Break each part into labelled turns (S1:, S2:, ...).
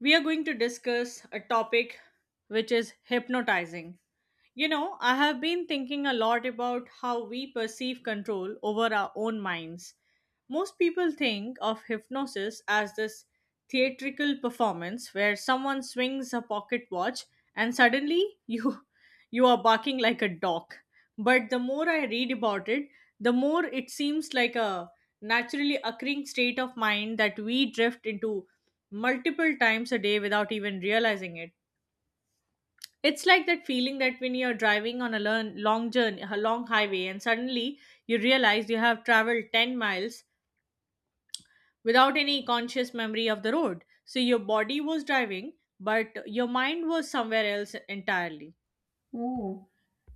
S1: We are going to discuss a topic which is hypnotizing. You know, I have been thinking a lot about how we perceive control over our own minds. Most people think of hypnosis as this theatrical performance where someone swings a pocket watch and suddenly you you are barking like a dog. But the more I read about it, the more it seems like a naturally occurring state of mind that we drift into multiple times a day without even realizing it. It's like that feeling that when you're driving on a long journey, a long highway, and suddenly you realize you have traveled 10 miles without any conscious memory of the road. So your body was driving, but your mind was somewhere else entirely.
S2: Oh,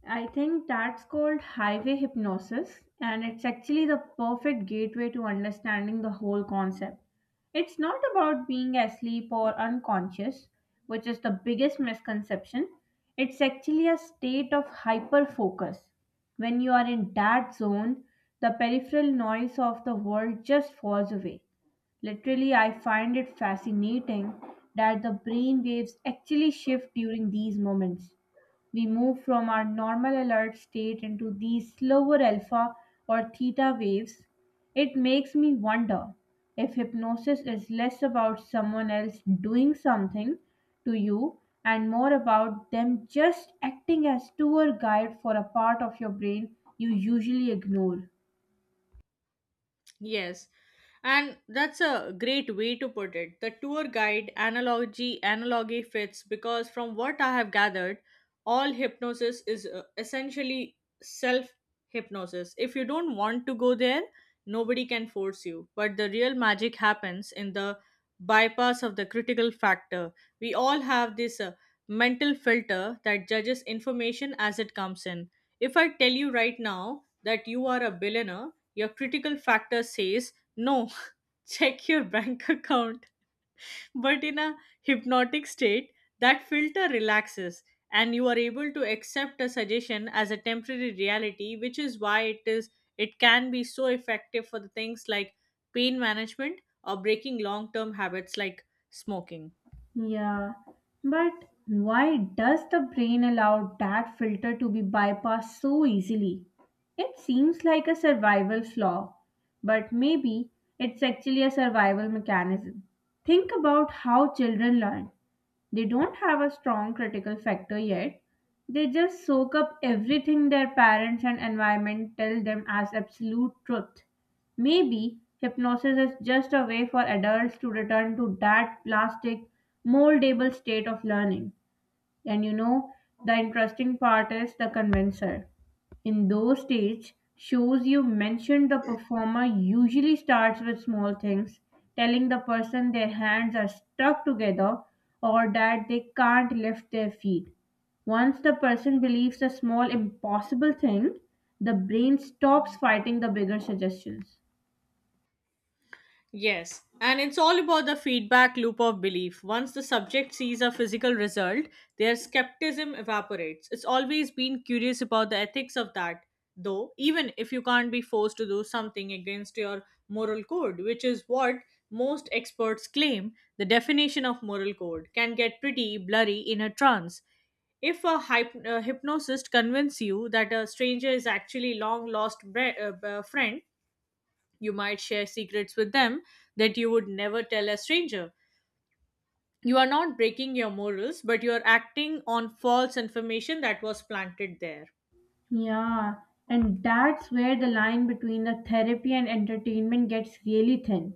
S2: I think that's called highway hypnosis, and it's actually the perfect gateway to understanding the whole concept. It's not about being asleep or unconscious, which is the biggest misconception. It's actually a state of hyperfocus. When you are in that zone, the peripheral noise of the world just falls away. Literally, I find it fascinating that the brain waves actually shift during these moments. We move from our normal alert state into these slower alpha or theta waves. It makes me wonder if hypnosis is less about someone else doing something to you and more about them just acting as tour guide for a part of your brain you usually ignore.
S1: Yes, and that's a great way to put it. The tour guide analogy fits because from what I have gathered, all hypnosis is essentially self hypnosis. If you don't want to go there, nobody can force you. But the real magic happens in the bypass of the critical factor. We all have this mental filter that judges information as it comes in. If I tell you right now that you are a billionaire, your critical factor says no, check your bank account, but in a hypnotic state that filter relaxes and you are able to accept a suggestion as a temporary reality, which is why it can be so effective for the things like pain management or breaking long term habits like smoking.
S2: Yeah, but why does the brain allow that filter to be bypassed so easily? It seems like a survival flaw, but maybe it's actually a survival mechanism. Think about how children learn. They don't have a strong critical factor yet. They just soak up everything their parents and environment tell them as absolute truth. Maybe hypnosis is just a way for adults to return to that plastic, moldable state of learning. And you know, the interesting part is the convincer. In those stage shows you mentioned, the performer usually starts with small things, telling the person their hands are stuck together or that they can't lift their feet. Once the person believes a small impossible thing, the brain stops fighting the bigger suggestions.
S1: Yes, and it's all about the feedback loop of belief. Once the subject sees a physical result, their skepticism evaporates. It's always been curious about the ethics of that, though, even if you can't be forced to do something against your moral code, which is what most experts claim, the definition of moral code can get pretty blurry in a trance. If a hypnosist convinces you that a stranger is actually long lost friend, you might share secrets with them that you would never tell a stranger. You are not breaking your morals, but you are acting on false information that was planted there.
S2: Yeah, and that's where the line between the therapy and entertainment gets really thin.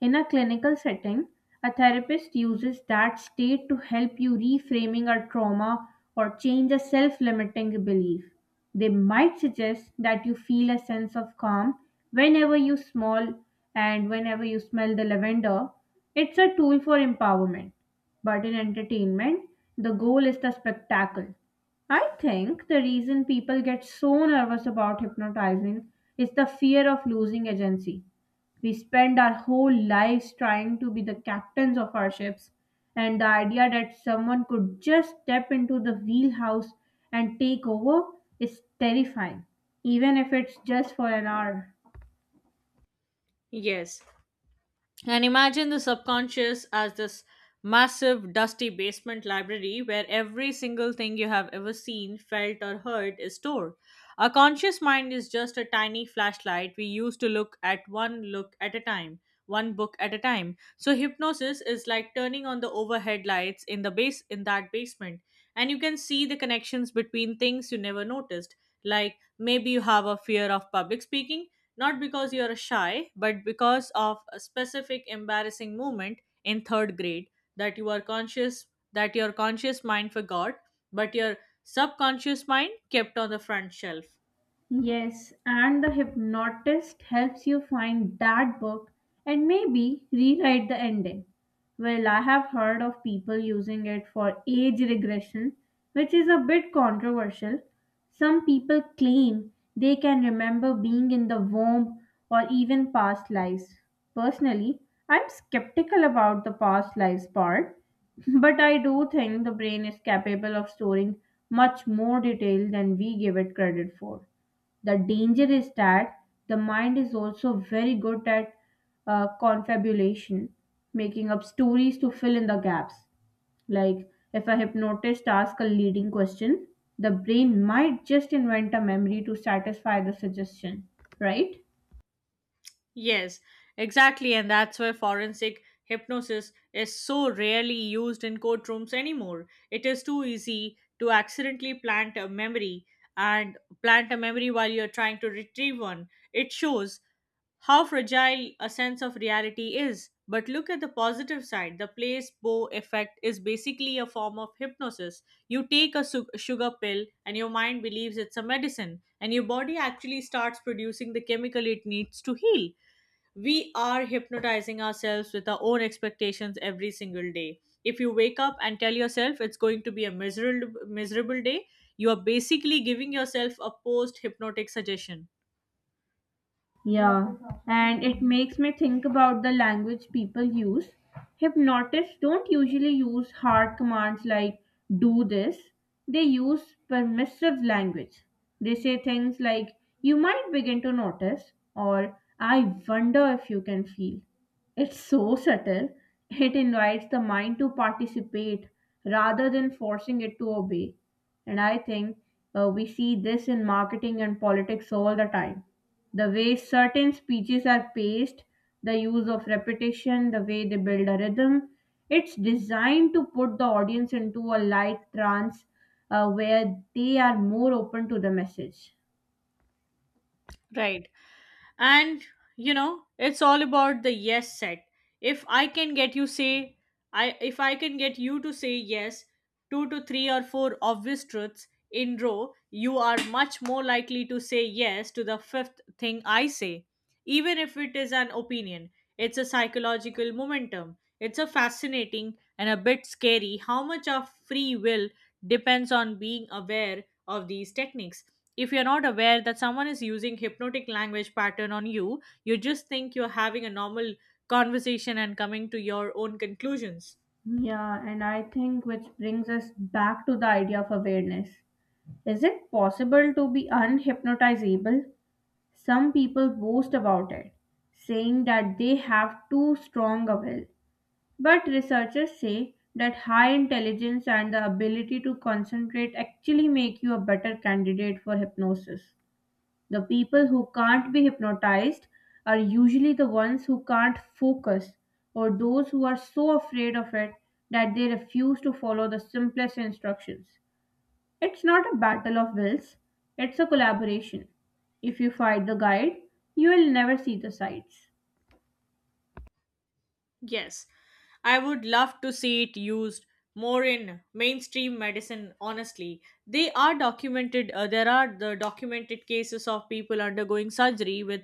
S2: In a clinical setting, a therapist uses that state to help you reframing a trauma or change a self-limiting belief. They might suggest that you feel a sense of calm whenever you smell whenever you smell the lavender. It's a tool for empowerment. But in entertainment, the goal is the spectacle. I think the reason people get so nervous about hypnotizing is the fear of losing agency. We spend our whole lives trying to be the captains of our ships, and the idea that someone could just step into the wheelhouse and take over is terrifying, even if it's just for an hour.
S1: Yes. And imagine the subconscious as this massive, dusty basement library where every single thing you have ever seen, felt, or heard is stored. Our conscious mind is just a tiny flashlight we use to look at a time, one book at a time. So hypnosis is like turning on the overhead lights in the base in that basement, and you can see the connections between things you never noticed. Like maybe you have a fear of public speaking, not because you are shy, but because of a specific embarrassing moment in third grade that you are conscious that your conscious mind forgot, but your subconscious mind kept on the front shelf.
S2: Yes, and the hypnotist helps you find that book and maybe rewrite the ending. Well, I have heard of people using it for age regression, which is a bit controversial. Some people claim they can remember being in the womb or even past lives. Personally, I'm skeptical about the past lives part, but I do think the brain is capable of storing much more detail than we give it credit for. The danger is that the mind is also very good at confabulation, making up stories to fill in the gaps. Like if a hypnotist asks a leading question, the brain might just invent a memory to satisfy the suggestion, right?
S1: Yes, exactly, and that's why forensic hypnosis is so rarely used in courtrooms anymore. It is too easy to accidentally plant a memory while you're trying to retrieve one. It shows how fragile a sense of reality is. But look at the positive side. The placebo effect is basically a form of hypnosis. You take a sugar pill, and your mind believes it's a medicine, and your body actually starts producing the chemical it needs to heal. We are hypnotizing ourselves with our own expectations every single day. If you wake up and tell yourself it's going to be a miserable, miserable day, you are basically giving yourself a post hypnotic suggestion.
S2: Yeah, and it makes me think about the language people use. Hypnotists don't usually use hard commands like do this, they use permissive language. They say things like you might begin to notice or I wonder if you can feel. It's so subtle, it invites the mind to participate rather than forcing it to obey. And I think we see this in marketing and politics all the time, the way certain speeches are paced, the use of repetition, the way they build a rhythm. It's designed to put the audience into a light trance where they are more open to the message.
S1: Right, and you know, it's all about the yes set. If I can get you say I If I can get you to say yes two to three or four obvious truths in row, you are much more likely to say yes to the fifth thing I say, even if it is an opinion. It's a psychological momentum. It's a fascinating and a bit scary how much of free will depends on being aware of these techniques. If you're not aware that someone is using hypnotic language pattern on you, you just think you're having a normal conversation and coming to your own conclusions.
S2: Yeah, and I think which brings us back to the idea of awareness. Is it possible to be unhypnotizable? Some people boast about it, saying that they have too strong a will. But researchers say that high intelligence and the ability to concentrate actually make you a better candidate for hypnosis. The people who can't be hypnotized are usually the ones who can't focus or those who are so afraid of it that they refuse to follow the simplest instructions. It's not a battle of wills, it's a collaboration. If you fight the guide, you will never see the sights.
S1: Yes, I would love to see it used more in mainstream medicine, honestly. There are the documented cases of people undergoing surgery with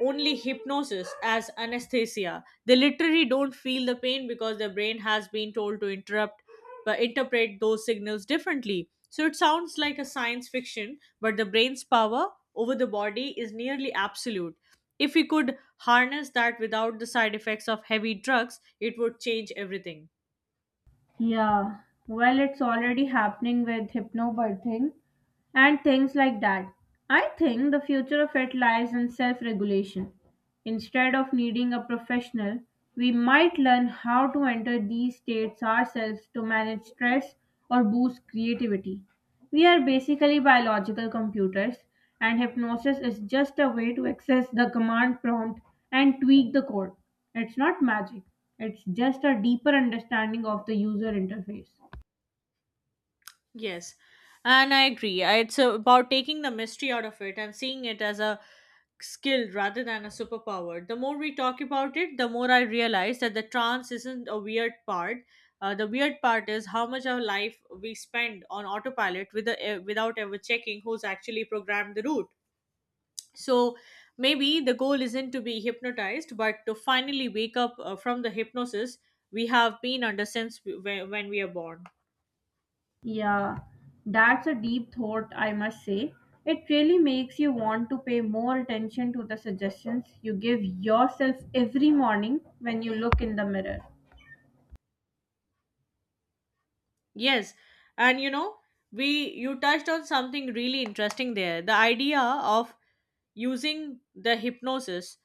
S1: only hypnosis as anesthesia. They literally don't feel the pain because their brain has been told to interrupt, but interpret those signals differently. So it sounds like a science fiction, but the brain's power over the body is nearly absolute. If we could harness that without the side effects of heavy drugs, it would change everything.
S2: Yeah, well, it's already happening with hypnobirthing and things like that. I think the future of it lies in self regulation. Instead of needing a professional, we might learn how to enter these states ourselves to manage stress or boost creativity. We are basically biological computers, and hypnosis is just a way to access the command prompt and tweak the code. It's not magic, it's just a deeper understanding of the user interface.
S1: Yes, and I agree. It's about taking the mystery out of it and seeing it as a skill rather than a superpower. The more we talk about it, the more I realize that the trance isn't a weird part. The weird part is how much of life we spend on autopilot with without ever checking who's actually programmed the route. So maybe the goal isn't to be hypnotized, but to finally wake up from the hypnosis we have been under when we are born.
S2: Yeah, that's a deep thought, I must say. It really makes you want to pay more attention to the suggestions you give yourself every morning when you look in the mirror.
S1: Yes, and you know, we you touched on something really interesting there. The idea of using the hypnosis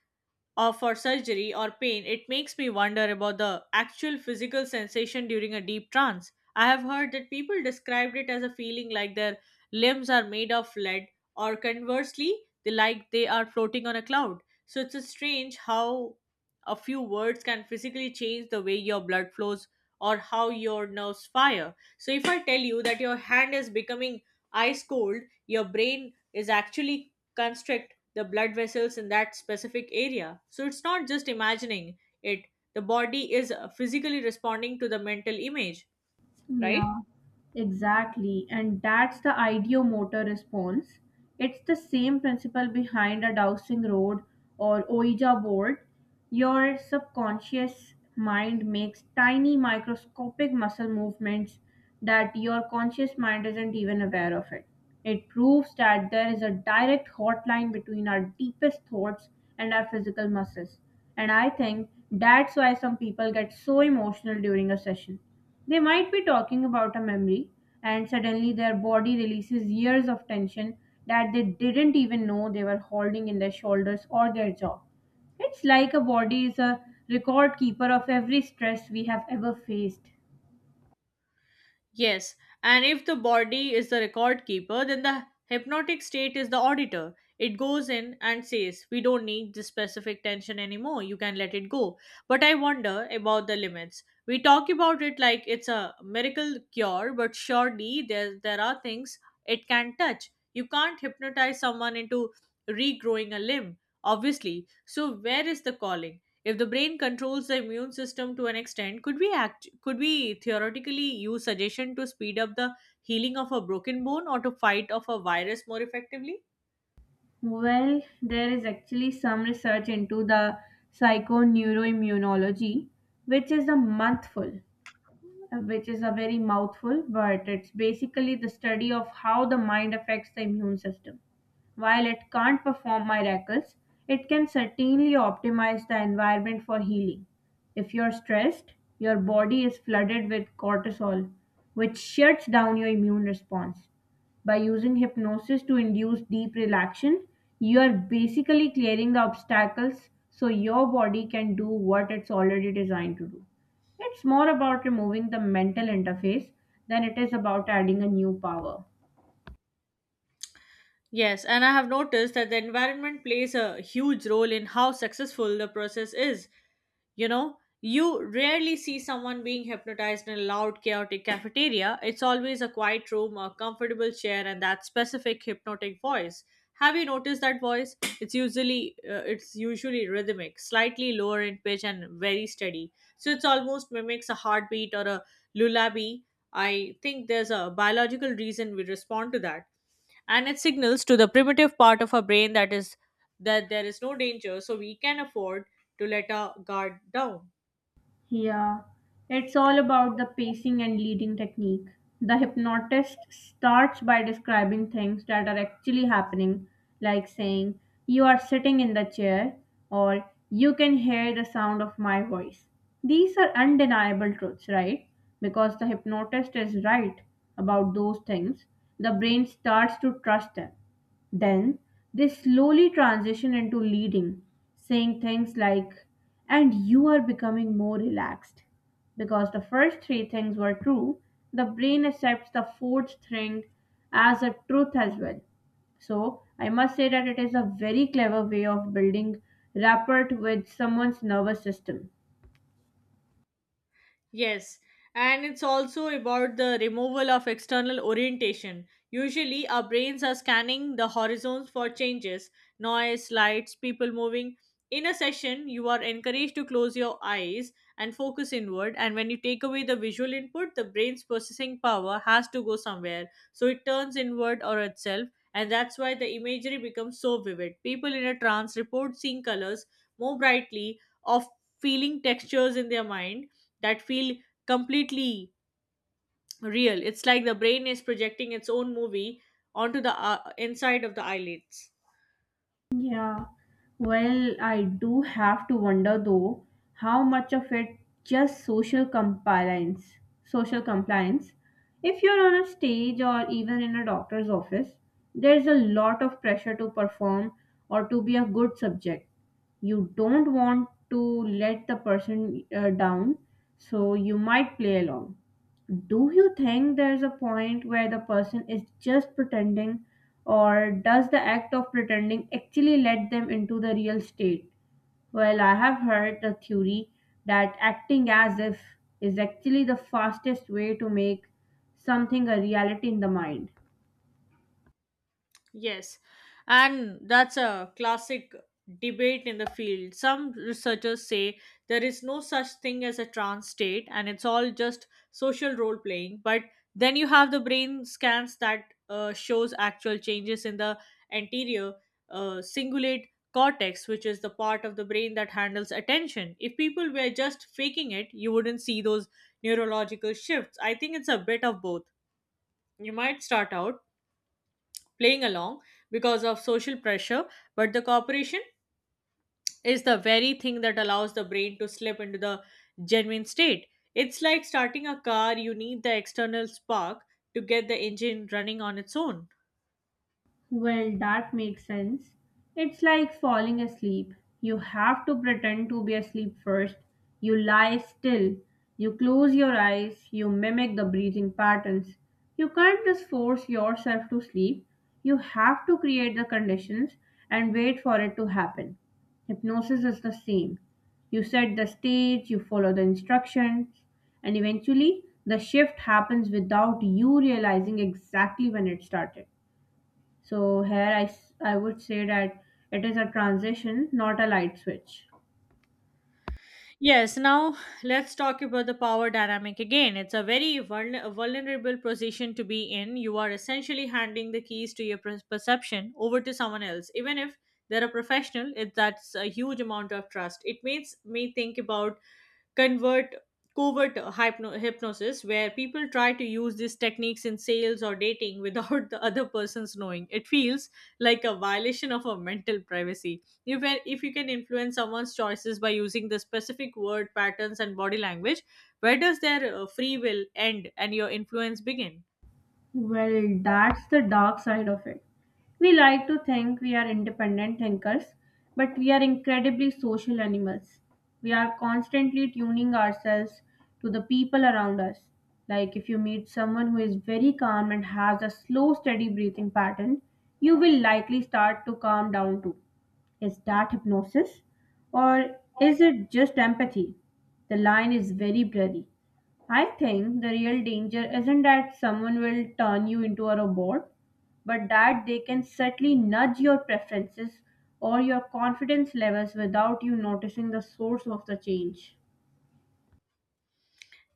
S1: or for surgery or pain, it makes me wonder about the actual physical sensation during a deep trance. I have heard that people described it as a feeling like their limbs are made of lead, or conversely, they like they are floating on a cloud. So it's a strange how a few words can physically change the way your blood flows or how your nerves fire. So if I tell you that your hand is becoming ice cold, your brain is actually constrict the blood vessels in that specific area. So it's not just imagining it, the body is physically responding to the mental image, right?
S2: Yeah, exactly. And that's the ideomotor response. It's the same principle behind a dowsing rod or Ouija board. Your subconscious mind makes tiny microscopic muscle movements that your conscious mind isn't even aware of it. It proves that there is a direct hotline between our deepest thoughts and our physical muscles. And I think that's why some people get so emotional during a session. They might be talking about a memory, and suddenly their body releases years of tension that they didn't even know they were holding in their shoulders or their jaw. It's like a body is a record keeper of every stress we have ever faced.
S1: Yes, and if the body is the record keeper, then the hypnotic state is the auditor. It goes in and says, "We don't need this specific tension anymore, you can let it go." But I wonder about the limits. We talk about it like it's a miracle cure, but surely there are things it can touch. You can't hypnotize someone into regrowing a limb, obviously. So, where is the calling? If the brain controls the immune system to an extent, could we theoretically use suggestion to speed up the healing of a broken bone or to fight off a virus more effectively?
S2: Well, there is actually some research into the psychoneuroimmunology, which is a mouthful, which is a very mouthful, but it's basically the study of how the mind affects the immune system. While it can't perform miracles, it can certainly optimize the environment for healing. If you're stressed, your body is flooded with cortisol, which shuts down your immune response. By using hypnosis to induce deep relaxation, you are basically clearing the obstacles so your body can do what it's already designed to do. It's more about removing the mental interface than it is about adding a new power.
S1: Yes, and I have noticed that the environment plays a huge role in how successful the process is. You know, you rarely see someone being hypnotized in a loud, chaotic cafeteria. It's always a quiet room, a comfortable chair, and that specific hypnotic voice. Have you noticed that voice? It's usually rhythmic, slightly lower in pitch and very steady. So it's almost mimics a heartbeat or a lullaby. I think there's a biological reason we respond to that, and it signals to the primitive part of our brain that there is no danger, so we can afford to let our guard down.
S2: Yeah, it's all about the pacing and leading technique. The hypnotist starts by describing things that are actually happening, like saying, "You are sitting in the chair," or "You can hear the sound of my voice." These are undeniable truths, right? Because the hypnotist is right about those things, the brain starts to trust them. Then they slowly transition into leading, saying things like, "and you are becoming more relaxed." Because the first three things were true, the brain accepts the fourth thing as a truth as well. So I must say that it is a very clever way of building rapport with someone's nervous system.
S1: Yes, and it's also about the removal of external orientation. Usually, our brains are scanning the horizons for changes, noise, lights, people moving. In a session, you are encouraged to close your eyes and focus inward. And when you take away the visual input, the brain's processing power has to go somewhere. So it turns inward or itself. And that's why the imagery becomes so vivid. People in a trance report seeing colors more brightly, of feeling textures in their mind that feel completely real. It's like the brain is projecting its own movie onto the inside of the eyelids.
S2: Yeah, well, I do have to wonder though how much of it just social compliance. If you're on a stage or even in a doctor's office, there's a lot of pressure to perform or to be a good subject. You don't want to let the person down, so you might play along. Do you think there's a point where the person is just pretending, or does the act of pretending actually let them into the real state? Well, I have heard the theory that acting as if is actually the fastest way to make something a reality in the mind.
S1: Yes, and that's a classic debate in the field. Some researchers say there is no such thing as a trance state and it's all just social role playing. But then you have the brain scans that shows actual changes in the anterior cingulate cortex, which is the part of the brain that handles attention. If people were just faking it, you wouldn't see those neurological shifts. I think it's a bit of both. You might start out playing along because of social pressure, but the cooperation is the very thing that allows the brain to slip into the genuine state. It's like starting a car, you need the external spark to get the engine running on its own.
S2: Well, that makes sense. It's like falling asleep. You have to pretend to be asleep first. You lie still. You close your eyes. You mimic the breathing patterns. You can't just force yourself to sleep. You have to create the conditions and wait for it to happen. Hypnosis is the same. You set the stage, you follow the instructions, and eventually the shift happens without you realizing exactly when it started. So here I would say that it is a transition, not a light switch.
S1: Yes, now let's talk about the power dynamic again. It's a very vulnerable position to be in. You are essentially handing the keys to your perception over to someone else, even if they're a professional. That's a huge amount of trust. It makes me think about convert covert hypnosis where people try to use these techniques in sales or dating without the other person's knowing. It feels like a violation of a mental privacy. If you can influence someone's choices by using the specific word patterns and body language, where does their free will end and your influence begin?
S2: Well, that's the dark side of it. We like to think we are independent thinkers, but we are incredibly social animals. We are constantly tuning ourselves to the people around us. Like if you meet someone who is very calm and has a slow, steady breathing pattern, you will likely start to calm down too. Is that hypnosis? Or is it just empathy? The line is very blurry. I think the real danger isn't that someone will turn you into a robot, but that they can subtly nudge your preferences or your confidence levels without you noticing the source of the change.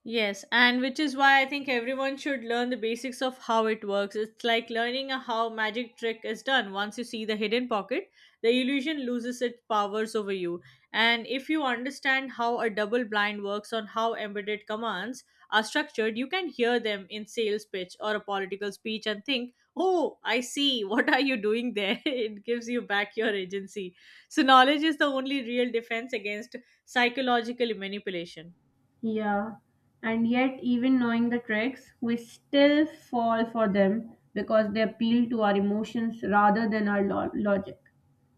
S1: Yes, and which is why I think everyone should learn the basics of how it works. It's like learning a how magic trick is done. Once you see the hidden pocket, the illusion loses its powers over you. And if you understand how a double blind works on how embedded commands are structured, you can hear them in sales pitch or a political speech and think, "Oh, I see. What are you doing there?" It gives you back your agency. So knowledge is the only real defense against psychological manipulation.
S2: Yeah, and yet, even knowing the tricks, we still fall for them because they appeal to our emotions rather than our logic.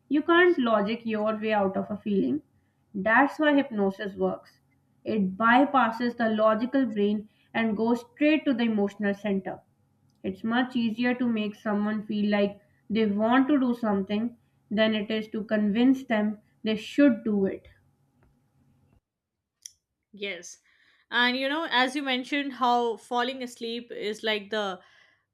S2: You can't logic your way out of a feeling. That's why hypnosis works. It bypasses the logical brain and goes straight to the emotional center. It's much easier to make someone feel like they want to do something than it is to convince them they should do it.
S1: Yes. As you mentioned, how falling asleep is like the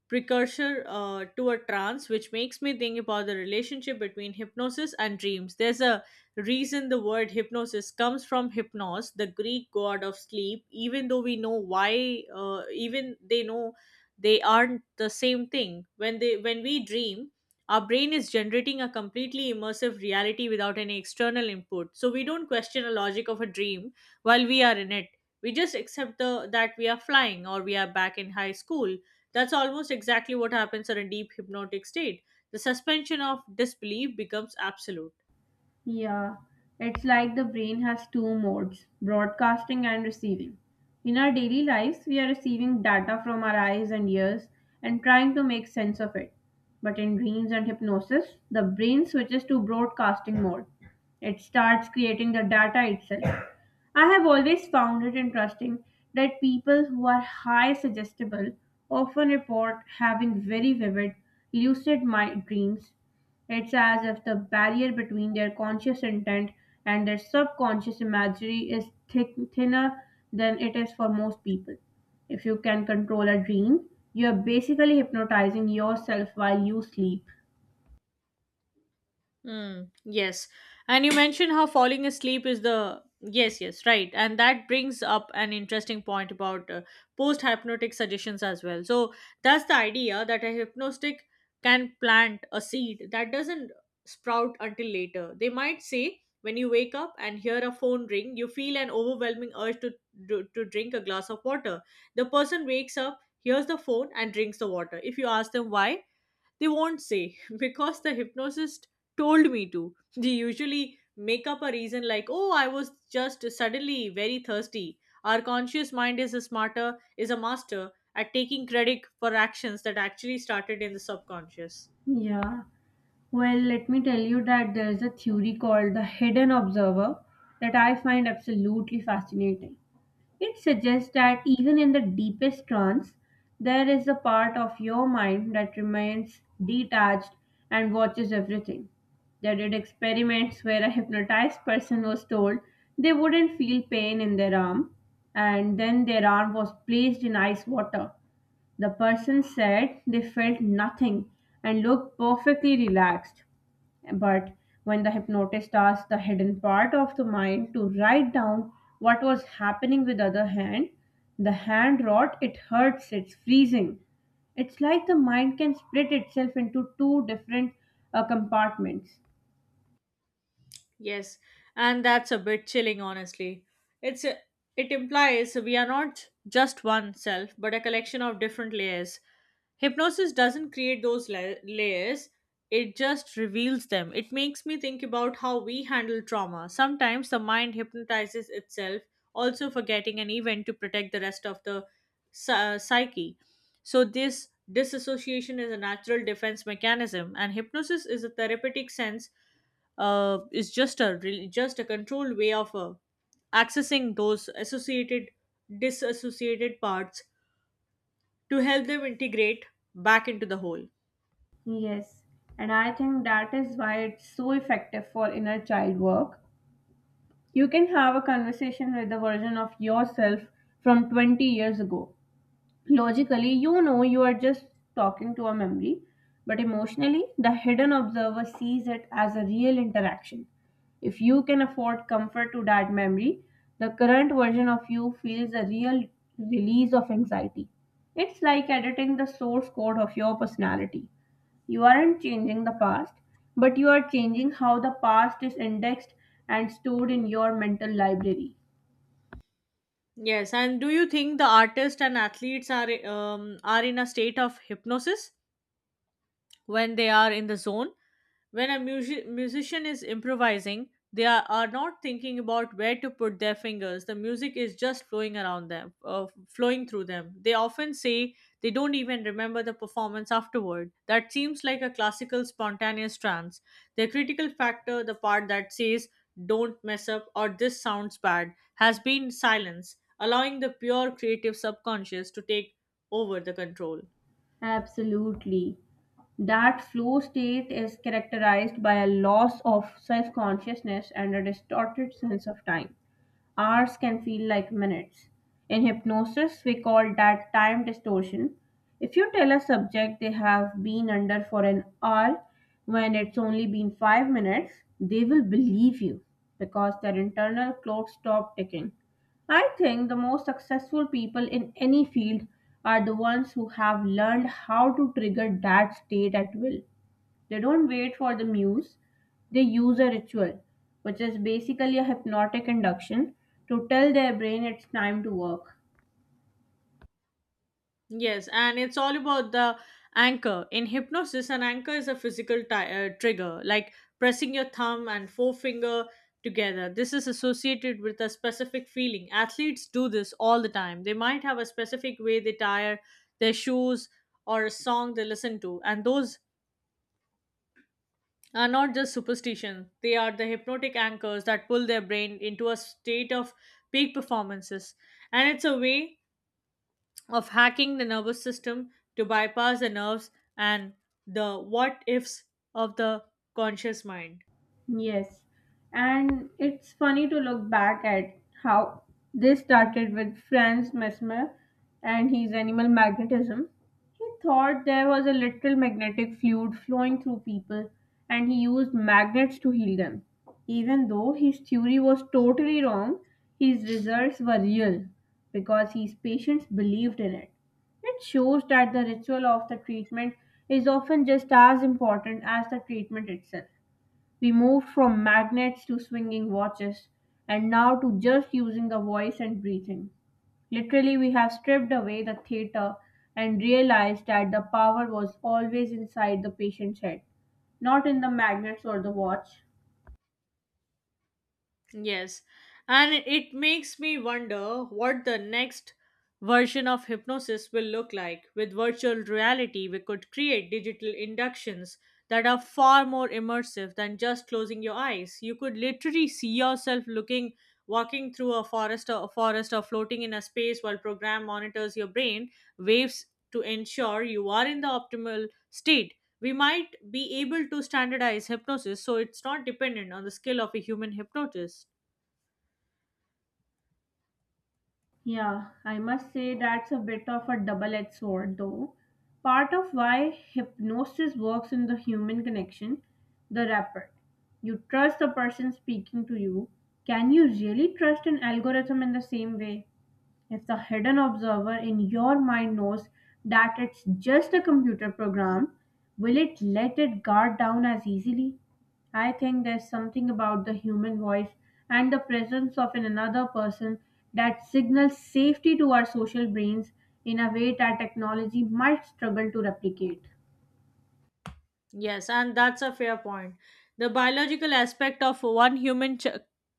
S1: precursor to a trance, which makes me think about the relationship between hypnosis and dreams. There's a reason the word hypnosis comes from hypnos, the Greek god of sleep, even though we know why, even they know they aren't the same thing. When we dream, our brain is generating a completely immersive reality without any external input. So we don't question the logic of a dream while we are in it. We just accept the that we are flying or we are back in high school. That's almost exactly what happens in a deep hypnotic state. The suspension of disbelief becomes absolute.
S2: Yeah, it's like the brain has two modes, broadcasting and receiving. In our daily lives, we are receiving data from our eyes and ears and trying to make sense of it. But in dreams and hypnosis, the brain switches to broadcasting mode. It starts creating the data itself. I have always found it interesting that people who are high suggestible often report having very vivid, lucid mind dreams. It's as if the barrier between their conscious intent and their subconscious imagery is thinner than it is for most people. If you can control a dream, you are basically hypnotizing yourself while you sleep.
S1: Mm, yes. And you mentioned how falling asleep is the. Yes, yes, right. And that brings up an interesting point about post hypnotic suggestions as well. So that's the idea that a hypnostic can plant a seed that doesn't sprout until later. They might say, when you wake up and hear a phone ring, you feel an overwhelming urge to drink a glass of water. The person wakes up, hears the phone, and drinks the water. If you ask them why, they won't say because the hypnotist told me to. They usually make up a reason like, oh, I was just suddenly very thirsty. Our conscious mind is a master at taking credit for actions that actually started in the subconscious.
S2: Yeah. Well, let me tell you that there is a theory called the hidden observer that I find absolutely fascinating. It suggests that even in the deepest trance, there is a part of your mind that remains detached and watches everything. They did experiments where a hypnotized person was told they wouldn't feel pain in their arm, and then their arm was placed in ice water. The person said they felt nothing and looked perfectly relaxed. But when the hypnotist asked the hidden part of the mind to write down what was happening with other hand, the hand wrote, it hurts, it's freezing. It's like the mind can split itself into two different compartments.
S1: Yes, and that's a bit chilling, honestly. It's a, it implies we are not just one self, but a collection of different layers. Hypnosis doesn't create those layers, it just reveals them. It makes me think about how we handle trauma. Sometimes the mind hypnotizes itself, also forgetting an event to protect the rest of the psyche. So this disassociation is a natural defense mechanism, and hypnosis is a therapeutic sense, is just a controlled way of accessing those associated disassociated parts to help them integrate back into the whole.
S2: Yes, and I think that is why it's so effective for inner child work. You can have a conversation with a version of yourself from 20 years ago. Logically, you know you are just talking to a memory, but emotionally, the hidden observer sees it as a real interaction. If you can afford comfort to that memory, the current version of you feels a real release of anxiety. It's like editing the source code of your personality. You aren't changing the past, but you are changing how the past is indexed and stored in your mental library.
S1: Yes, and do you think the artists and athletes are in a state of hypnosis when they are in the zone? When a musician is improvising, they are not thinking about where to put their fingers. The music is just flowing around them, flowing through them. They often say they don't even remember the performance afterward. That seems like a classical spontaneous trance. The critical factor, the part that says, don't mess up or this sounds bad, has been silence, allowing the pure creative subconscious to take over the control.
S2: Absolutely. That flow state is characterized by a loss of self consciousness and a distorted sense of time. Hours can feel like minutes. In hypnosis, we call that time distortion. If you tell a subject they have been under for an hour when it's only been 5 minutes, they will believe you because their internal clock stopped ticking. I think the most successful people in any field are the ones who have learned how to trigger that state at will. They don't wait for the muse, they use a ritual, which is basically a hypnotic induction, to tell their brain it's time to work.
S1: Yes, and it's all about the anchor. In hypnosis, an anchor is a physical ti trigger, like pressing your thumb and forefinger together. This is associated with a specific feeling. Athletes do this all the time. They might have a specific way they tire their shoes or a song they listen to, and those are not just superstitions. They are the hypnotic anchors that pull their brain into a state of peak performances. And it's a way of hacking the nervous system to bypass the nerves and the what ifs of the conscious mind.
S2: Yes. And it's funny to look back at how this started with Franz Mesmer and his animal magnetism. He thought there was a literal magnetic fluid flowing through people and he used magnets to heal them. Even though his theory was totally wrong, his results were real because his patients believed in it. It shows that the ritual of the treatment is often just as important as the treatment itself. We moved from magnets to swinging watches, and now to just using the voice and breathing. Literally, we have stripped away the theater and realized that the power was always inside the patient's head, not in the magnets or the watch.
S1: Yes, and it makes me wonder what the next version of hypnosis will look like. With virtual reality, we could create digital inductions that are far more immersive than just closing your eyes. You could literally see yourself looking walking through a forest or floating in a space while program monitors your brain waves to ensure you are in the optimal state. We might be able to standardize hypnosis so it's not dependent on the skill of a human hypnotist.
S2: Yeah, I must say that's a bit of a double edged sword, though. Part of why hypnosis works in the human connection, the rapport. You trust the person speaking to you. Can you really trust an algorithm in the same way? If the hidden observer in your mind knows that it's just a computer program, will it let it guard down as easily? I think there's something about the human voice and the presence of an another person that signals safety to our social brains in a way that technology might struggle to replicate.
S1: Yes, and that's a fair point. The biological aspect of one human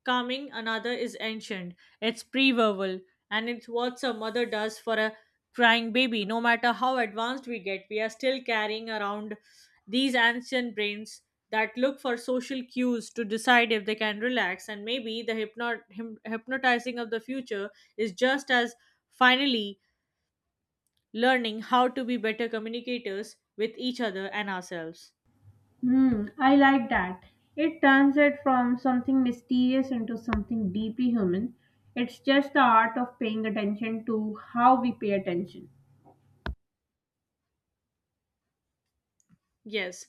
S1: calming another is ancient. It's pre-verbal, and it's what a mother does for a crying baby. No matter how advanced we get, we are still carrying around these ancient brains that look for social cues to decide if they can relax. And maybe the hypnotizing of the future is just as finally learning how to be better communicators with each other and ourselves.
S2: Hmm, I like that. It turns it from something mysterious into something deeply human. It's just the art of paying attention to how we pay attention.
S1: Yes.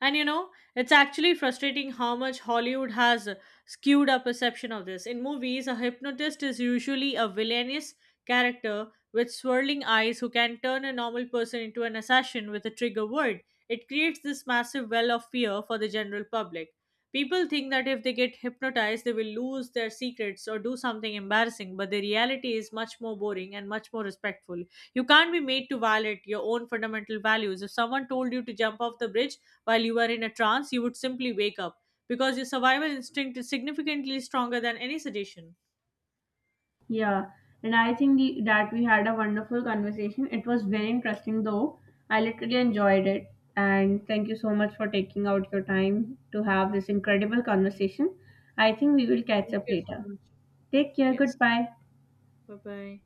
S1: And you know, it's actually frustrating how much Hollywood has skewed our perception of this. In movies, a hypnotist is usually a villainous character with swirling eyes who can turn a normal person into an assassin with a trigger word. It creates this massive well of fear for the general public. People think that if they get hypnotized, they will lose their secrets or do something embarrassing, but the reality is much more boring and much more respectful. You can't be made to violate your own fundamental values. If someone told you to jump off the bridge while you were in a trance, you would simply wake up because your survival instinct is significantly stronger than any suggestion.
S2: Yeah, and I think that we had a wonderful conversation. It was very interesting, though. I literally enjoyed it. And thank you so much for taking out your time to have this incredible conversation. I think we will catch
S1: Thank
S2: up
S1: you so
S2: later.
S1: much.
S2: Take care.
S1: Yes.
S2: Goodbye.
S1: Bye bye.